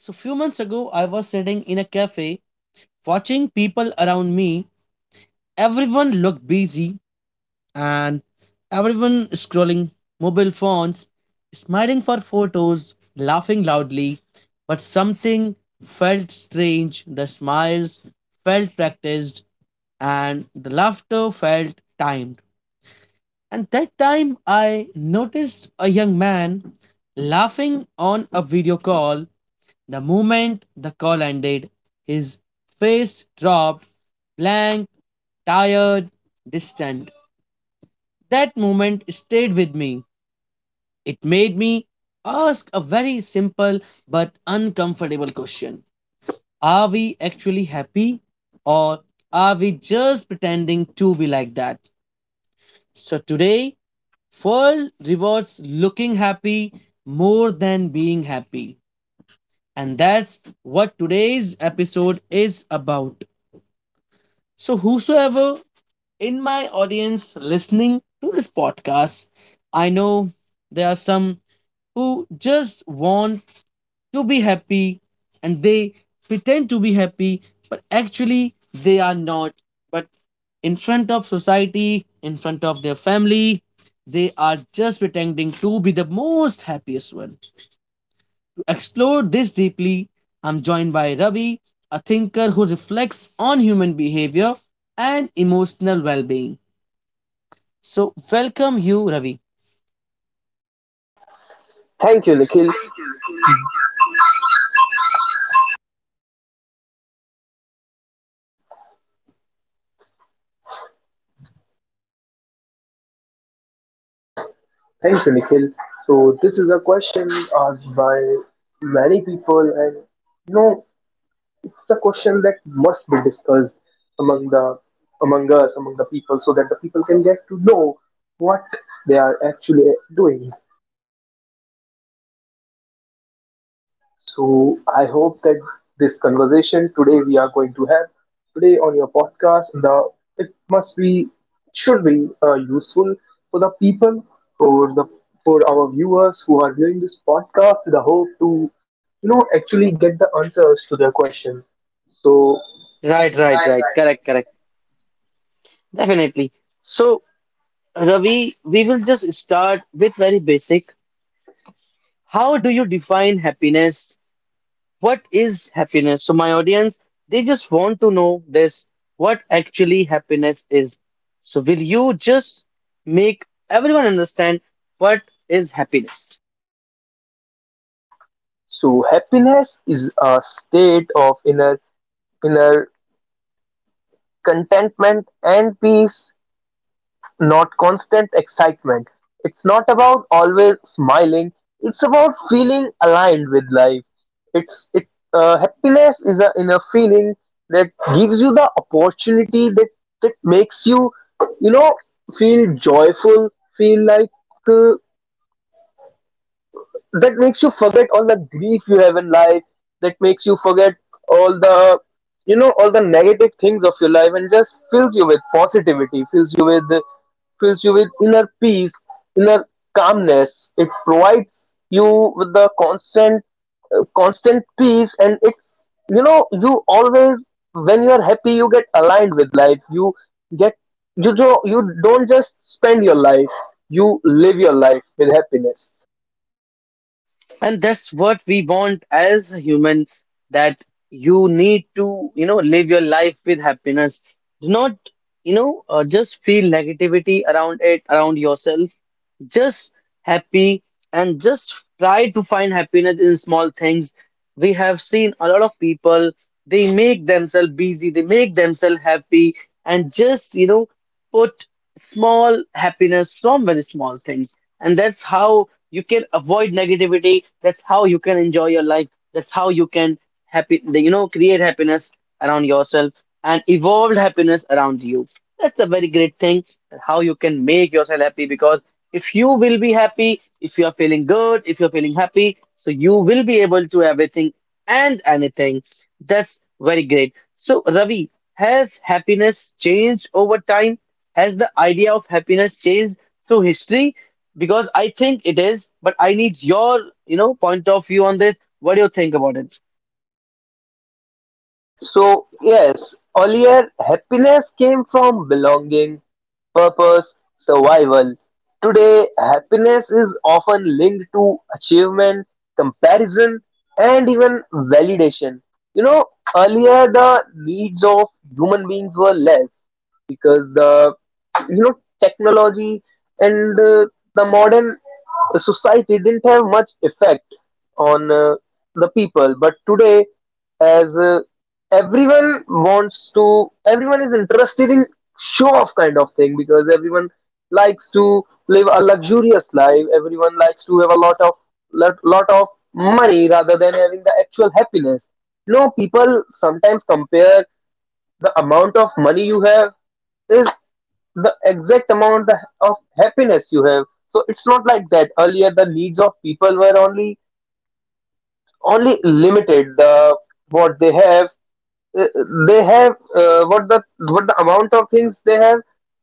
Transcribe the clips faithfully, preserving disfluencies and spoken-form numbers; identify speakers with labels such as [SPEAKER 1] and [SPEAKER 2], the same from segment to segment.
[SPEAKER 1] So few months ago, I was sitting in a cafe watching people around me. Everyone looked busy and everyone scrolling mobile phones, smiling for photos, laughing loudly. But something felt strange. The smiles felt practiced and the laughter felt timed. And that time I noticed a young man laughing on a video call the moment the call ended, his face dropped, blank, tired, distant. That moment stayed with me. It made me ask a very simple but uncomfortable question. Are we actually happy or are we just pretending to be like that? So today, world rewards looking happy more than being happy. And that's what today's episode is about. So, whosoever in my audience listening to this podcast, I know there are some who just want to be happy and they pretend to be happy, but actually they are not. But in front of society, in front of their family, they are just pretending to be the most happiest one. Explore this deeply, I'm joined by Ravi, a thinker who reflects on human behavior and emotional well being. So, welcome you, Ravi.
[SPEAKER 2] Thank you, Nikhil. Thank you, Nikhil. So this is a question asked by many people, and you know, it's a question that must be discussed among the among us, among the people, so that the people can get to know what they are actually doing. So I hope that this conversation today we are going to have today on your podcast, the it must be should be uh, useful for the people for the for our viewers who are viewing this podcast with the hope to you know actually get the answers to their questions. So
[SPEAKER 1] Right, right, right. Correct, correct. Definitely. So, Ravi, we will just start with very basic. How do you define happiness? What is happiness? So my audience, they just want to know this, what actually happiness is. So will you just make everyone understand what is happiness?
[SPEAKER 2] so happiness is a state of inner inner contentment and peace, not constant excitement. It's not about always smiling. It's about feeling aligned with life. It's it uh, Happiness is a inner feeling that gives you the opportunity that that makes you you know feel joyful, feel like uh, that makes you forget all the grief you have in life, that makes you forget all the you know all the negative things of your life and just fills you with positivity, fills you with fills you with inner peace, inner calmness. It provides you with the constant uh, constant peace, and it's you know you always, when you are happy, you get aligned with life. you get you do, you don't just spend your life, you live your life with happiness.
[SPEAKER 1] And that's what we want as humans, that you need to, you know, live your life with happiness. Do not, you know, uh, just feel negativity around it, around yourself. Just happy and just try to find happiness in small things. We have seen a lot of people, they make themselves busy, they make themselves happy, and just, you know, put small happiness from very small things, and that's how you can avoid negativity, that's how you can enjoy your life, that's how you can happy you know create happiness around yourself and evolve happiness around you. That's a very great thing, that how you can make yourself happy, because if you will be happy, if you are feeling good, if you're feeling happy, so you will be able to everything and anything. That's very great. So Ravi, has happiness changed over time, has the idea of happiness changed through history? Because I think it is, but I need your, you know, point of view on this. What do you think about it?
[SPEAKER 2] So, yes, earlier happiness came from belonging, purpose, survival. Today, happiness is often linked to achievement, comparison, and even validation. You know, earlier the needs of human beings were less because the you know technology and uh, the modern society didn't have much effect on, uh, the people. But today, as uh, everyone wants to everyone is interested in show off kind of thing because everyone likes to live a luxurious life. Everyone likes to have a lot of lot, lot of money rather than having the actual happiness. No, people sometimes compare the amount of money you have is the exact amount of happiness you have. So it's not like that. Earlier the needs of people were only only limited. The what they have uh, they have uh, What the what the amount of things they have,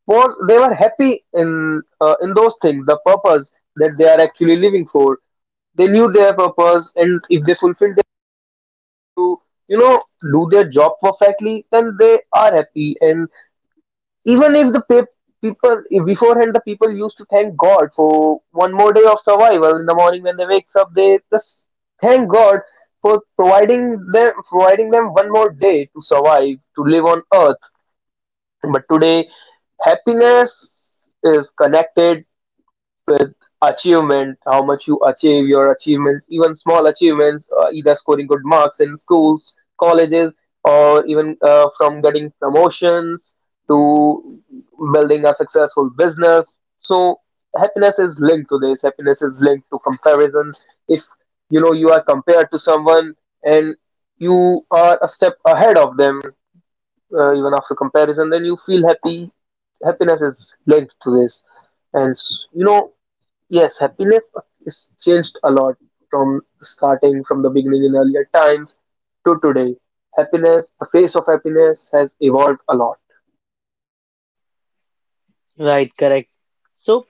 [SPEAKER 2] was they were happy in uh, in those things. The purpose that they are actually living for, they knew their purpose, and if they fulfill, they are able to you know do their job perfectly, then they are happy. And even if the pe- people, if beforehand the people used to thank god for one more day of survival, in the morning when they wakes up they just thank god for providing them providing them one more day to survive, to live on earth. But today happiness is connected with achievement, how much you achieve, your achievement, even small achievements, uh, either scoring good marks in schools, colleges, or even uh, from getting promotions to building a successful business. So happiness is linked to this. Happiness is linked to comparison. If you know you are compared to someone and you are a step ahead of them, uh, even after comparison, then you feel happy. Happiness is linked to this, and s- you know yes, happiness is changed a lot from starting from the beginning, in earlier times to today. Happiness, the face of happiness has evolved a lot.
[SPEAKER 1] Right, correct. So,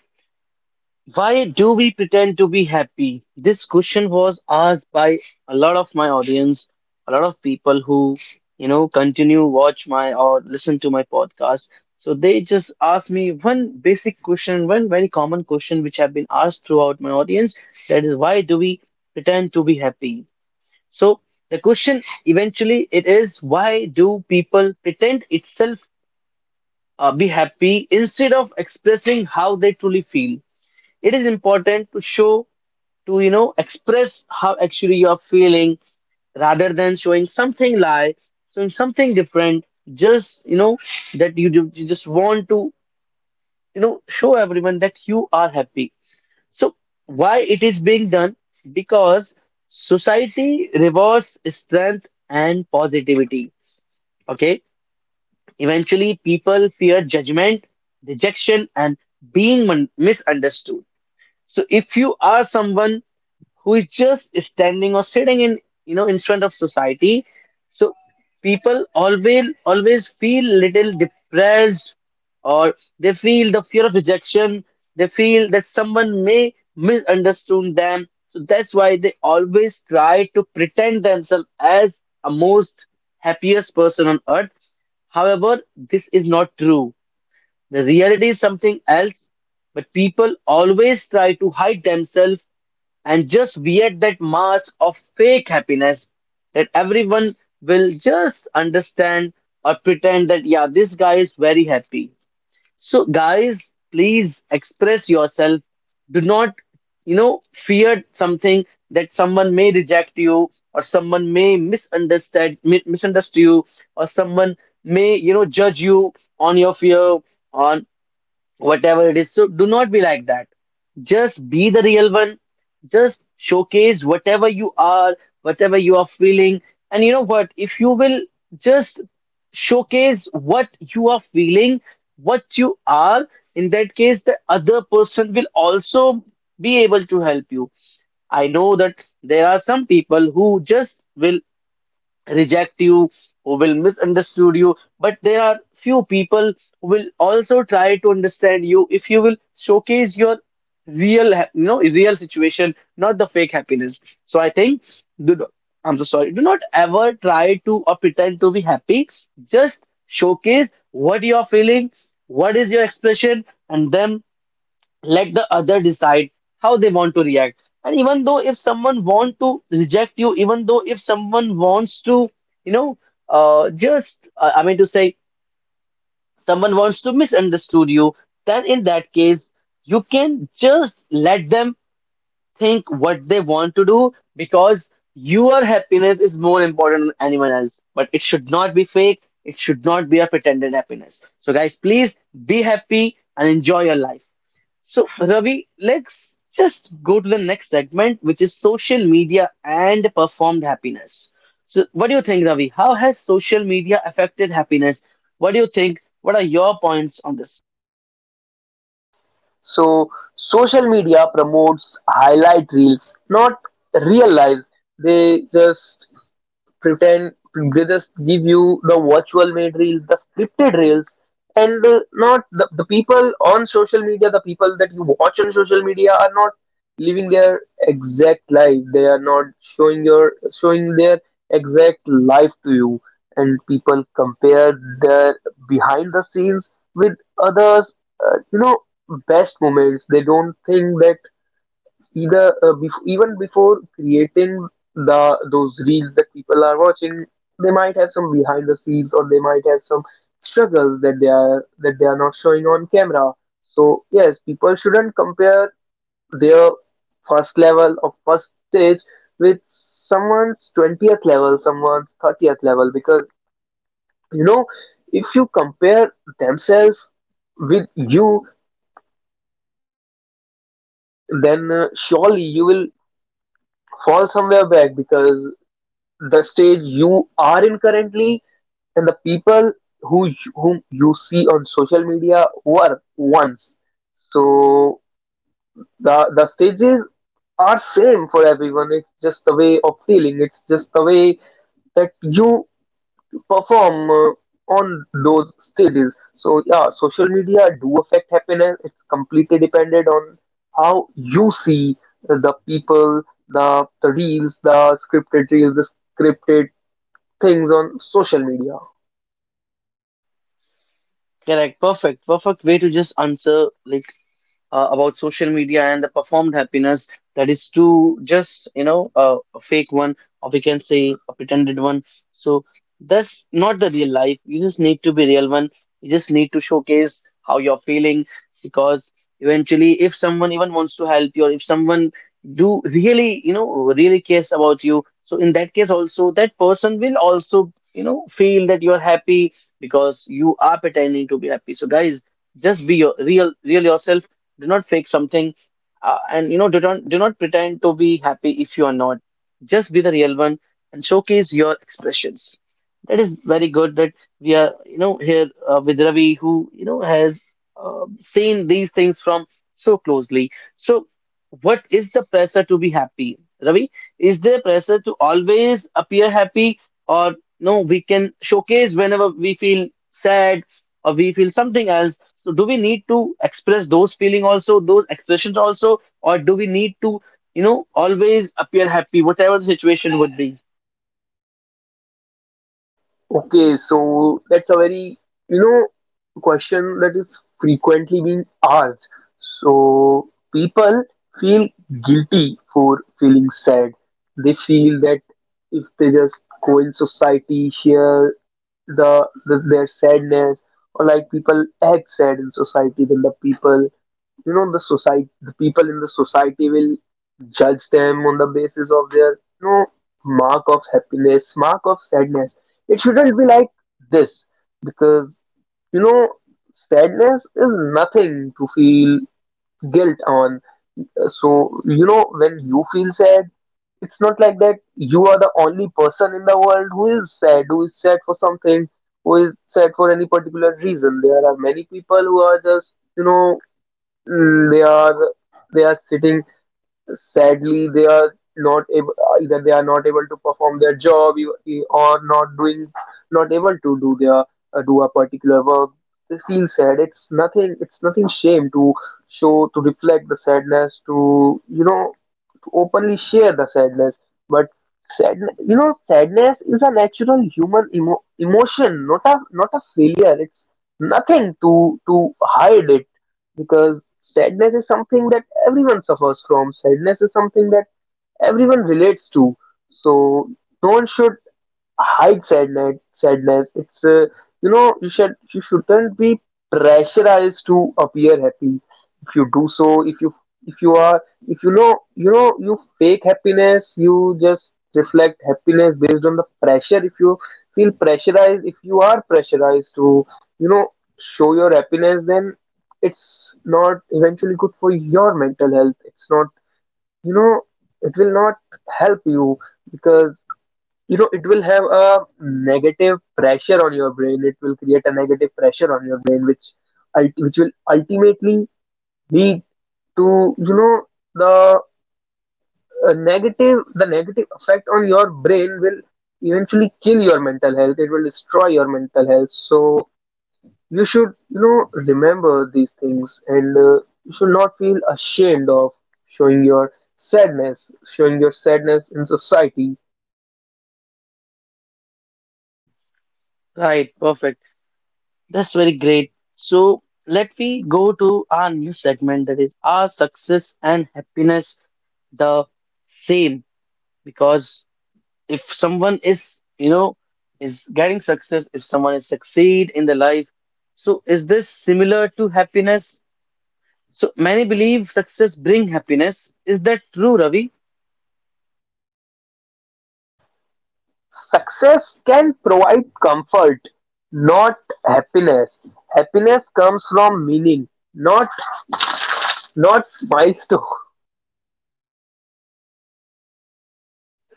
[SPEAKER 1] why do we pretend to be happy? This question was asked by a lot of my audience, a lot of people who, you know, continue watch my or listen to my podcast. So they just asked me one basic question, one very common question which have been asked throughout my audience. That is, why do we pretend to be happy? So the question eventually it is, why do people pretend itself uh, be happy instead of expressing how they truly feel? It is important to show to you know express how actually you are feeling rather than showing something lie, showing something different. Just you know that you, ju- you just want to you know show everyone that you are happy. So why it is being done? Because society rewards strength and positivity. Okay. Eventually, people fear judgment, rejection, and being mun- misunderstood. So, if you are someone who is just standing or sitting in you know in front of society, so people always always feel little depressed or they feel the fear of rejection, they feel that someone may misunderstand them, so that's why they always try to pretend themselves as a most happiest person on earth. However, this is not true. The reality is something else, but people always try to hide themselves and just wear that mask of fake happiness that everyone will just understand or pretend that, yeah, this guy is very happy. So, guys, please express yourself. Do not, you know, fear something that someone may reject you or someone may misunderstand mi- misunderstand you or someone may, you know, judge you on your fear on whatever it is. So do not be like that. Just be the real one. Just showcase whatever you are, whatever you are feeling. And you know what? If you will just showcase what you are feeling, what you are, in that case, the other person will also be able to help you. I know that there are some people who just will reject you, who will misunderstood you, but there are few people who will also try to understand you if you will showcase your real, ha- you know, real situation, not the fake happiness. So I think, do not- I'm so sorry. Do not ever try to or pretend to be happy. Just showcase what you are feeling, what is your expression, and then let the other decide how they want to react. And even though if someone want to reject you, even though if someone wants to you know uh, just uh, I mean to say someone wants to misunderstood you, then in that case you can just let them think what they want to do, because your happiness is more important than anyone else, but it should not be fake, it should not be a pretended happiness. So guys please be happy and enjoy your life. So, Ravi, let's just go to the next segment, which is social media and performed happiness. So, what do you think, Ravi? How has social media affected happiness? What do you think? What are your points on this?
[SPEAKER 2] So, social media promotes highlight reels, not real lives. They just pretend they just give you the virtual made reels, the scripted reels, and uh, not the, the people on social media. The people that you watch on social media are not living their exact life. They are not showing your showing their exact life to you. And people compare their behind the scenes with others, uh, you know best moments. They don't think that either uh, bef- even before creating the those reels that people are watching, they might have some behind the scenes, or they might have some struggles that they are that they are not showing on camera. So yes, people shouldn't compare their first level or first stage with someone's twentieth level, someone's thirtieth level. Because you know if you compare themselves with you, then uh, surely you will fall somewhere back, because the stage you are in currently and the people who you- whom you see on social media were once. So the the stages are same for everyone. It's just the way of feeling. It's just the way that you perform uh, on those stages. So yeah, social media do affect happiness. It's completely dependent on how you see the people, the the reels, the scripted reels, the scripted things on social media.
[SPEAKER 1] Correct, perfect, perfect way to just answer like uh, about social media and the performed happiness, that is to just you know uh, a fake one or we can say a pretended one. So that's not the real life, you just need to be real one, you just need to showcase how you're feeling, because eventually if someone even wants to help you or if someone do really you know really cares about you, so in that case also that person will also you know feel that you're happy because you are pretending to be happy. So guys, just be your real real yourself, do not fake something, uh, and you know do not do not pretend to be happy if you are not. Just be the real one and showcase your expressions. That is very good, that we are, you know, here uh, with Ravi, who, you know, has uh, seen these things from so closely. So, what is the pressure to be happy? Ravi, is there pressure to always appear happy, or no, we can showcase whenever we feel sad or we feel something else? So, do we need to express those feeling also, those expressions also, or do we need to, you know, always appear happy, whatever the situation would be?
[SPEAKER 2] Okay, so that's a very, you know, question that is frequently being asked. So people feel guilty for feeling sad. They feel that if they just go in society, share the, the their sadness, or like people act sad in society, then the people, you know the society, the people in the society will judge them on the basis of their you know mark of happiness, mark of sadness. It shouldn't be like this, because you know sadness is nothing to feel guilt on. Uh, so you know when you feel sad, it's not like that you are the only person in the world who is sad, who is sad for something, who is sad for any particular reason. There are many people who are just you know Mm, they are they are sitting sadly. They are not able, either they are not able to perform their job e- e- or not doing, not able to do their uh, do a particular work. They feel sad. It's nothing, it's nothing shame to show to reflect the sadness, to you know to openly share the sadness. But sad, you know, sadness is a natural human emo- emotion, not a not a failure. It's nothing to to hide it because sadness is something that everyone suffers from. Sadness is something that everyone relates to. So no one should hide sadness. Sadness it's uh, you know You should, you shouldn't be pressurized to appear happy. If you do so if you, if you are, if you know you know you fake happiness, you just reflect happiness based on the pressure. If you feel pressurized, if you are pressurized to you know show your happiness, then it's not eventually good for your mental health. It's not, you know it will not help you, because you know it will have a negative pressure on your brain. It will create a negative pressure on your brain, which ult- which will ultimately lead to, you know the uh, negative, the negative effect on your brain will eventually kill your mental health. It will destroy your mental health. So you should, you know remember these things. And uh, you should not feel ashamed of showing your sadness, showing your sadness in society.
[SPEAKER 1] Right, perfect. That's very great. So let me go to our new segment, that is our success and happiness the same? Because if someone is, you know, is getting success, if someone is succeed in the life, so is this similar to happiness? So many believe success bring happiness. Is that true, Ravi?
[SPEAKER 2] Success can provide comfort, not happiness. Happiness comes from meaning, not not milestones.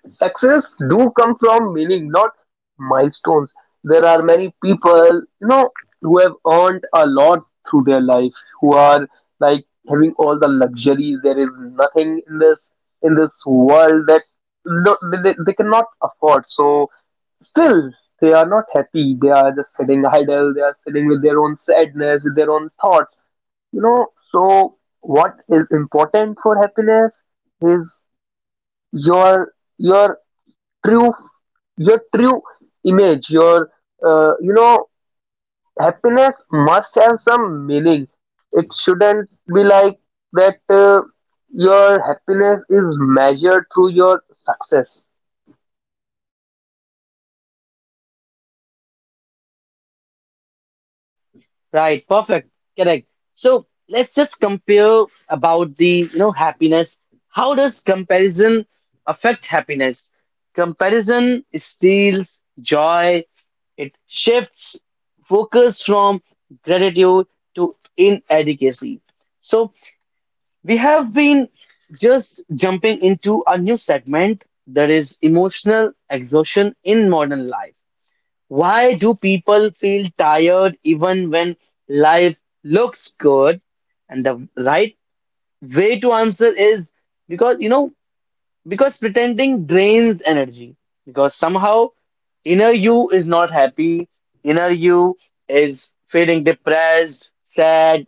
[SPEAKER 2] Success do come from meaning, not milestones. There are many people, you know, who have earned a lot through their life, who are like having all the luxuries. There is nothing in this in this world that, no, they, they they cannot afford. So still they are not happy. They are just sitting idle. They are sitting with their own sadness, with their own thoughts. You know, so what is important for happiness is your your true, your true image, your uh, you know happiness must have some meaning. It shouldn't be like that, uh, your happiness is measured through your success.
[SPEAKER 1] Right, perfect, correct. So let's just compare about the you know happiness. How does comparison affect happiness? Comparison steals joy. It shifts focus from gratitude to inadequacy. So we have been just jumping into a new segment, that is emotional exhaustion in modern life. Why do people feel tired even when life looks good? And the right way to answer is because, you know, because pretending drains energy. Because somehow inner you is not happy, inner you is feeling depressed, sad,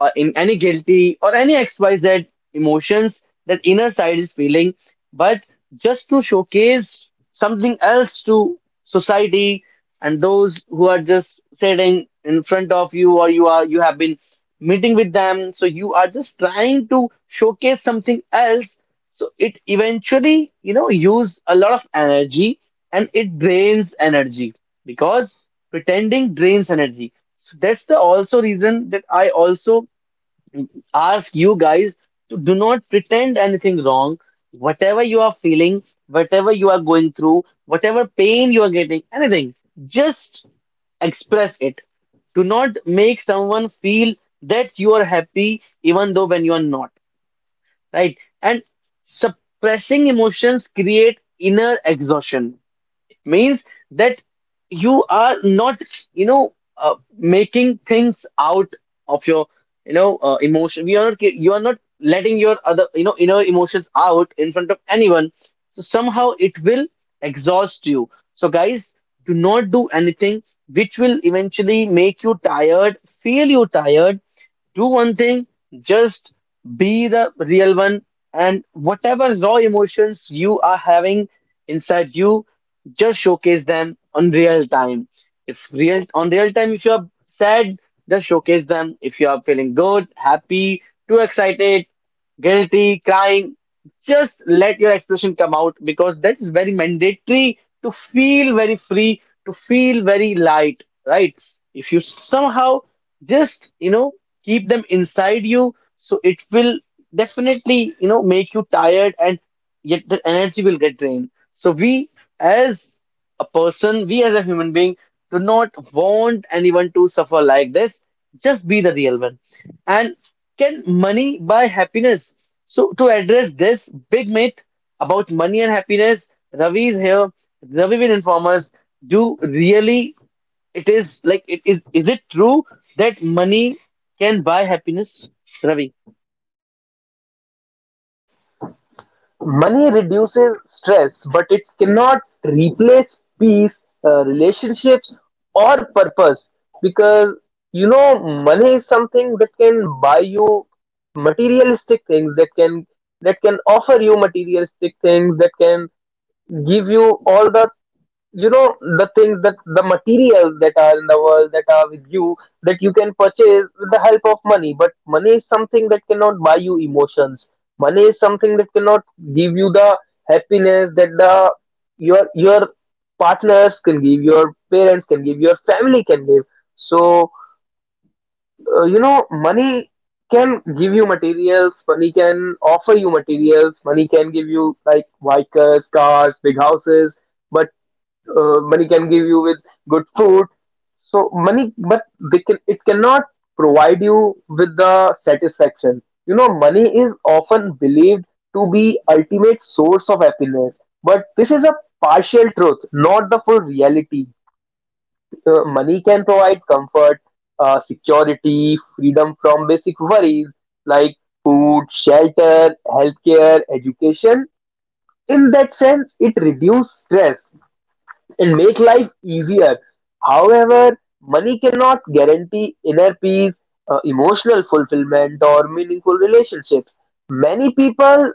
[SPEAKER 1] or in any guilty or any X Y Z emotions that inner side is feeling, but just to showcase something else to society and those who are just sitting in front of you or you are you have been meeting with them, so you are just trying to showcase something else. So it eventually you know use a lot of energy and it drains energy because pretending drains energy. So that's the also reason that I also ask you guys to do not pretend anything wrong. Whatever you are feeling, whatever you are going through, whatever pain you are getting, anything, just express it. Do not make someone feel that you are happy even though when you are not, right? And suppressing emotions create inner exhaustion means that you are not you know uh, making things out of your you know uh, emotion, we are not ge- you are not letting your other you know inner emotions out in front of anyone, so somehow it will exhaust you. So guys, do not do anything which will eventually make you tired feel you tired. Do one thing, just be the real one, and whatever raw emotions you are having inside you, just showcase them on real time. If real on real time, if you are sad, just showcase them. If you are feeling good, happy, too excited, guilty, crying, just let your expression come out because that is very mandatory to feel very free, to feel very light, right? If you somehow just you know keep them inside you, so it will definitely you know make you tired, and yet the energy will get drained. So we as a person, we as a human being, do not want anyone to suffer like this. Just be the real one. And can money buy happiness? So to address this big myth about money and happiness, Ravi is here. Ravi will inform us. Do really it is like it is. Is it true that money can buy happiness, Ravi?
[SPEAKER 2] Money reduces stress, but it cannot replace peace, uh, relationships, or purpose. Because you know money is something that can buy you materialistic things, that can that can offer you materialistic things, that can give you all the, you know the things, that the materials that are in the world, that are with you, that you can purchase with the help of money. But money is something that cannot buy you emotions. Money is something that cannot give you the happiness that the your your partners can give, your parents can give, your family can give. So uh, you know money can give you materials, money can offer you materials, money can give you like bikers, cars, big houses. But uh, money can give you with good food. So money, but they can it cannot provide you with the satisfaction. You know, money is often believed to be ultimate source of happiness, but this is a partial truth, not the full reality. Uh, money can provide comfort, uh, security, freedom from basic worries like food, shelter, healthcare, education. In that sense, it reduces stress and make life easier. However, money cannot guarantee inner peace, uh, emotional fulfillment, or meaningful relationships. Many people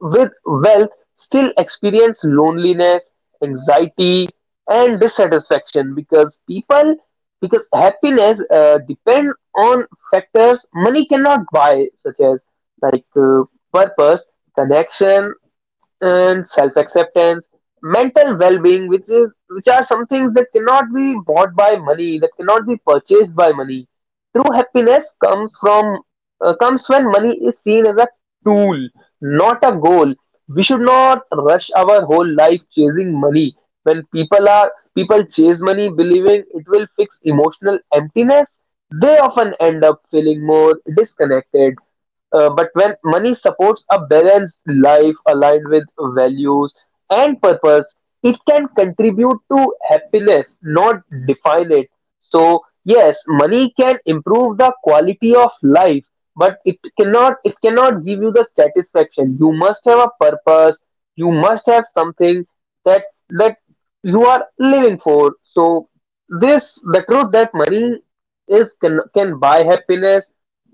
[SPEAKER 2] with wealth still experience loneliness, anxiety, and dissatisfaction. Because people because happiness uh, depend on factors money cannot buy, such as like uh, purpose, connection, and self-acceptance, mental well-being, which is which are some things that cannot be bought by money, that cannot be purchased by money. True happiness comes from, uh, comes when money is seen as a tool, not a goal. We should not rush our whole life chasing money. When people are people chase money believing it will fix emotional emptiness, they often end up feeling more disconnected. Uh, but when money supports a balanced life aligned with values and purpose, it can contribute to happiness, not define it. So, yes, money can improve the quality of life, but it cannot it cannot give you the satisfaction. You must have a purpose, you must have something that that you are living for. So this the truth that money is can, can buy happiness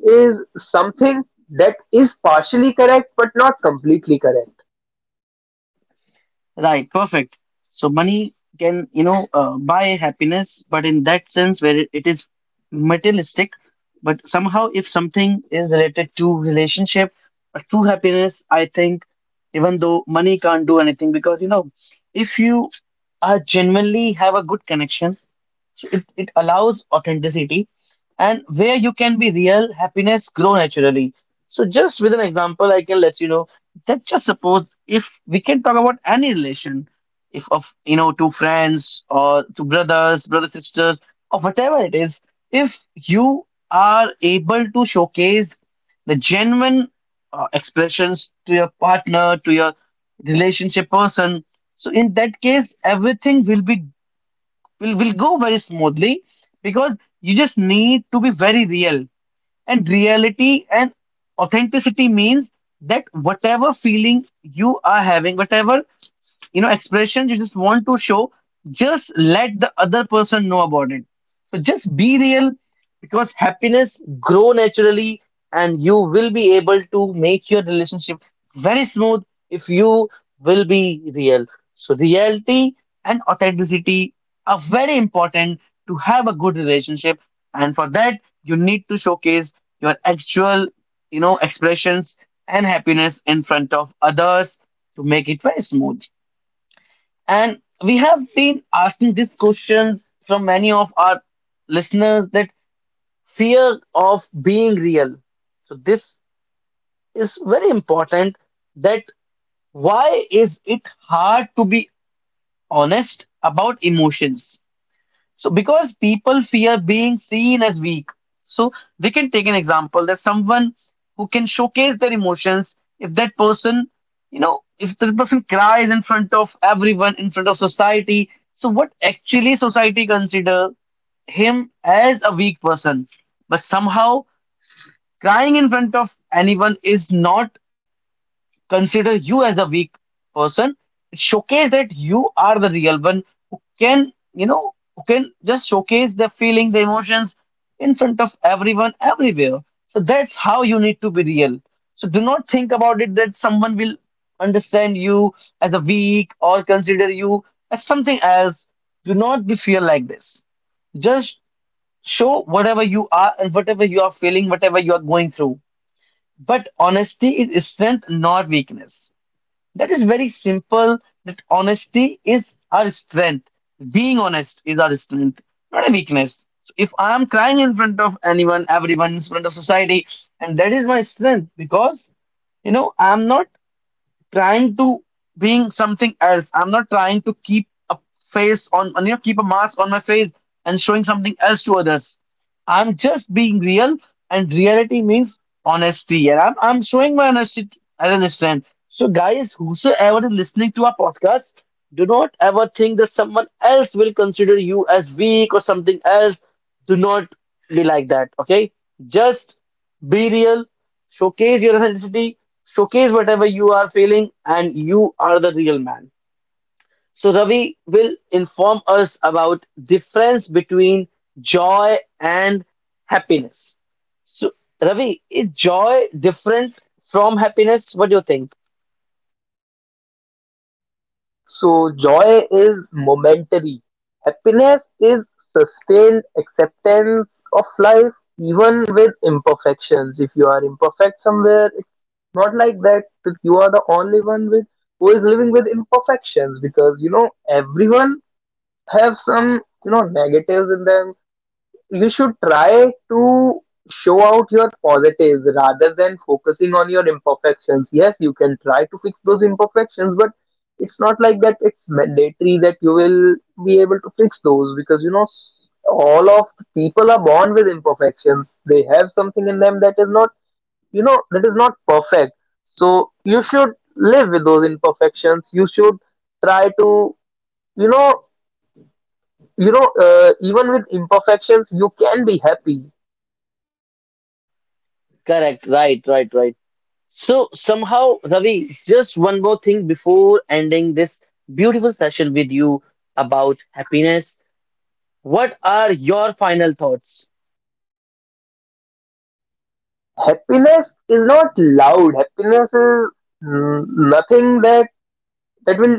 [SPEAKER 2] is something that is partially correct, but not completely correct.
[SPEAKER 1] Right, perfect. So money can, you know, uh, buy happiness, but in that sense where it, it is materialistic, but somehow if something is related to relationship or to happiness, I think even though money can't do anything because, you know, if you are genuinely have a good connection. So it, it allows authenticity, and where you can be real, happiness grow naturally. So just with an example, I can let you know that just suppose if we can talk about any relation, if of you know two friends or two brothers, brother sisters, or whatever it is, if you are able to showcase the genuine uh, expressions to your partner, to your relationship person, so in that case, everything will be will will go very smoothly because you just need to be very real. And reality and authenticity means that whatever feeling you are having, whatever you know expressions you just want to show, just let the other person know about it. So just be real, because happiness grow naturally and you will be able to make your relationship very smooth if you will be real. So reality and authenticity are very important to have a good relationship, and for that you need to showcase your actual you know expressions and happiness in front of others to make it very smooth. And we have been asking these questions from many of our listeners, that fear of being real. So this is very important, that why is it hard to be honest about emotions? So because people fear being seen as weak. So we can take an example. There's someone who can showcase their emotions. If that person, you know, if the person cries in front of everyone, in front of society, so what actually society consider him as a weak person. But somehow crying in front of anyone is not consider you as a weak person. It showcase that you are the real one who can, you know who can just showcase the feeling, the emotions, in front of everyone everywhere. So that's how you need to be real. So do not think about it that someone will understand you as a weak or consider you as something else. Do not be fear like this. Just show whatever you are and whatever you are feeling, whatever you are going through. But honesty is strength, not weakness. That is very simple. That honesty is our strength. Being honest is our strength, not a weakness. So if I am crying in front of anyone, everyone, in front of society, and that is my strength because you know I'm not trying to being something else. I'm not trying to keep a face on, you know, keep a mask on my face and showing something else to others. I'm just being real, and reality means honesty. And I'm, I'm showing my honesty as an strength. So, guys, whosoever is listening to our podcast, do not ever think that someone else will consider you as weak or something else. Do not be like that, okay? Just be real, showcase your authenticity, showcase whatever you are feeling, and you are the real man. So Ravi will inform us about difference between joy and happiness. So Ravi, is joy different from happiness? What do you think?
[SPEAKER 2] So joy is momentary, happiness is sustained acceptance of life, even with imperfections. If you are imperfect somewhere, it's not like that, that you are the only one with who is living with imperfections, because you know everyone have some you know negatives in them. You should try to show out your positives rather than focusing on your imperfections. Yes, you can try to fix those imperfections, but it's not like that it's mandatory that you will be able to fix those, because you know s- all of people are born with imperfections. They have something in them that is not, you know that is not perfect. So you should live with those imperfections. You should try to, you know you know uh, even with imperfections, you can be happy.
[SPEAKER 1] Correct, right, right, right. So somehow, Ravi, just one more thing before ending this beautiful session with you about happiness. What are your final thoughts?
[SPEAKER 2] Happiness is not loud. Happiness is, mm, nothing that that will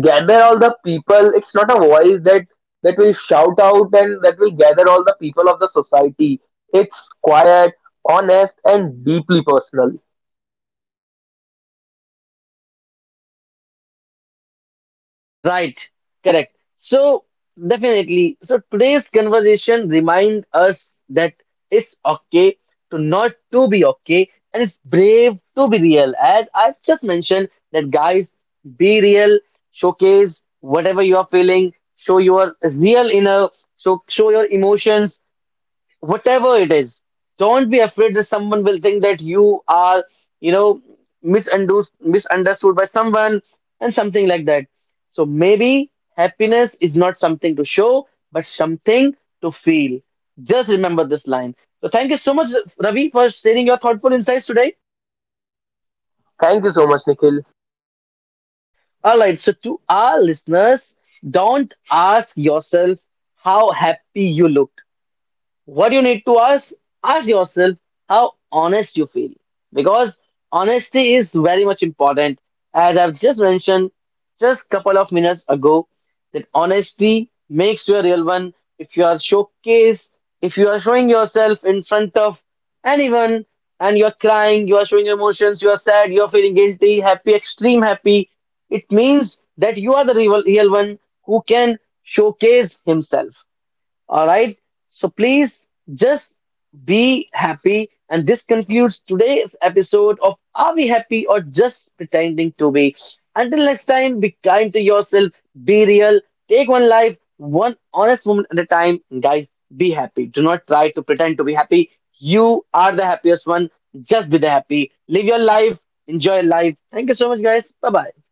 [SPEAKER 2] gather all the people. It's not a voice that that will shout out and that will gather all the people of the society. It's quiet, honest, and deeply personal.
[SPEAKER 1] Right, correct. So definitely, so today's conversation remind us that it's okay to not to be okay, and it's brave to be real. As I've just mentioned, that guys, be real, showcase whatever you are feeling, show your real inner, so show your emotions, whatever it is, don't be afraid that someone will think that you are, you know misunderstood misunderstood by someone and something like that. So maybe happiness is not something to show but something to feel. Just remember this line. So thank you so much, Ravi, for sharing your thoughtful insights today.
[SPEAKER 2] Thank you so much, Nikhil.
[SPEAKER 1] All right, so to our listeners, don't ask yourself how happy you look. What you need to ask, ask yourself how honest you feel, because honesty is very much important. As I've just mentioned just couple of minutes ago, that honesty makes you a real one. If you are showcase, if you are showing yourself in front of anyone, and you're crying, you are showing your emotions, you are sad, you're feeling guilty, happy, extreme happy, it means that you are the real, real one who can showcase himself. All right. So please just be happy. And this concludes today's episode of Are We Happy or Just Pretending to Be? Until next time, be kind to yourself, be real, take one life, one honest moment at a time. Guys, be happy. Do not try to pretend to be happy. You are the happiest one. Just be the happy. Live your life, enjoy your life. Thank you so much, guys. Bye bye.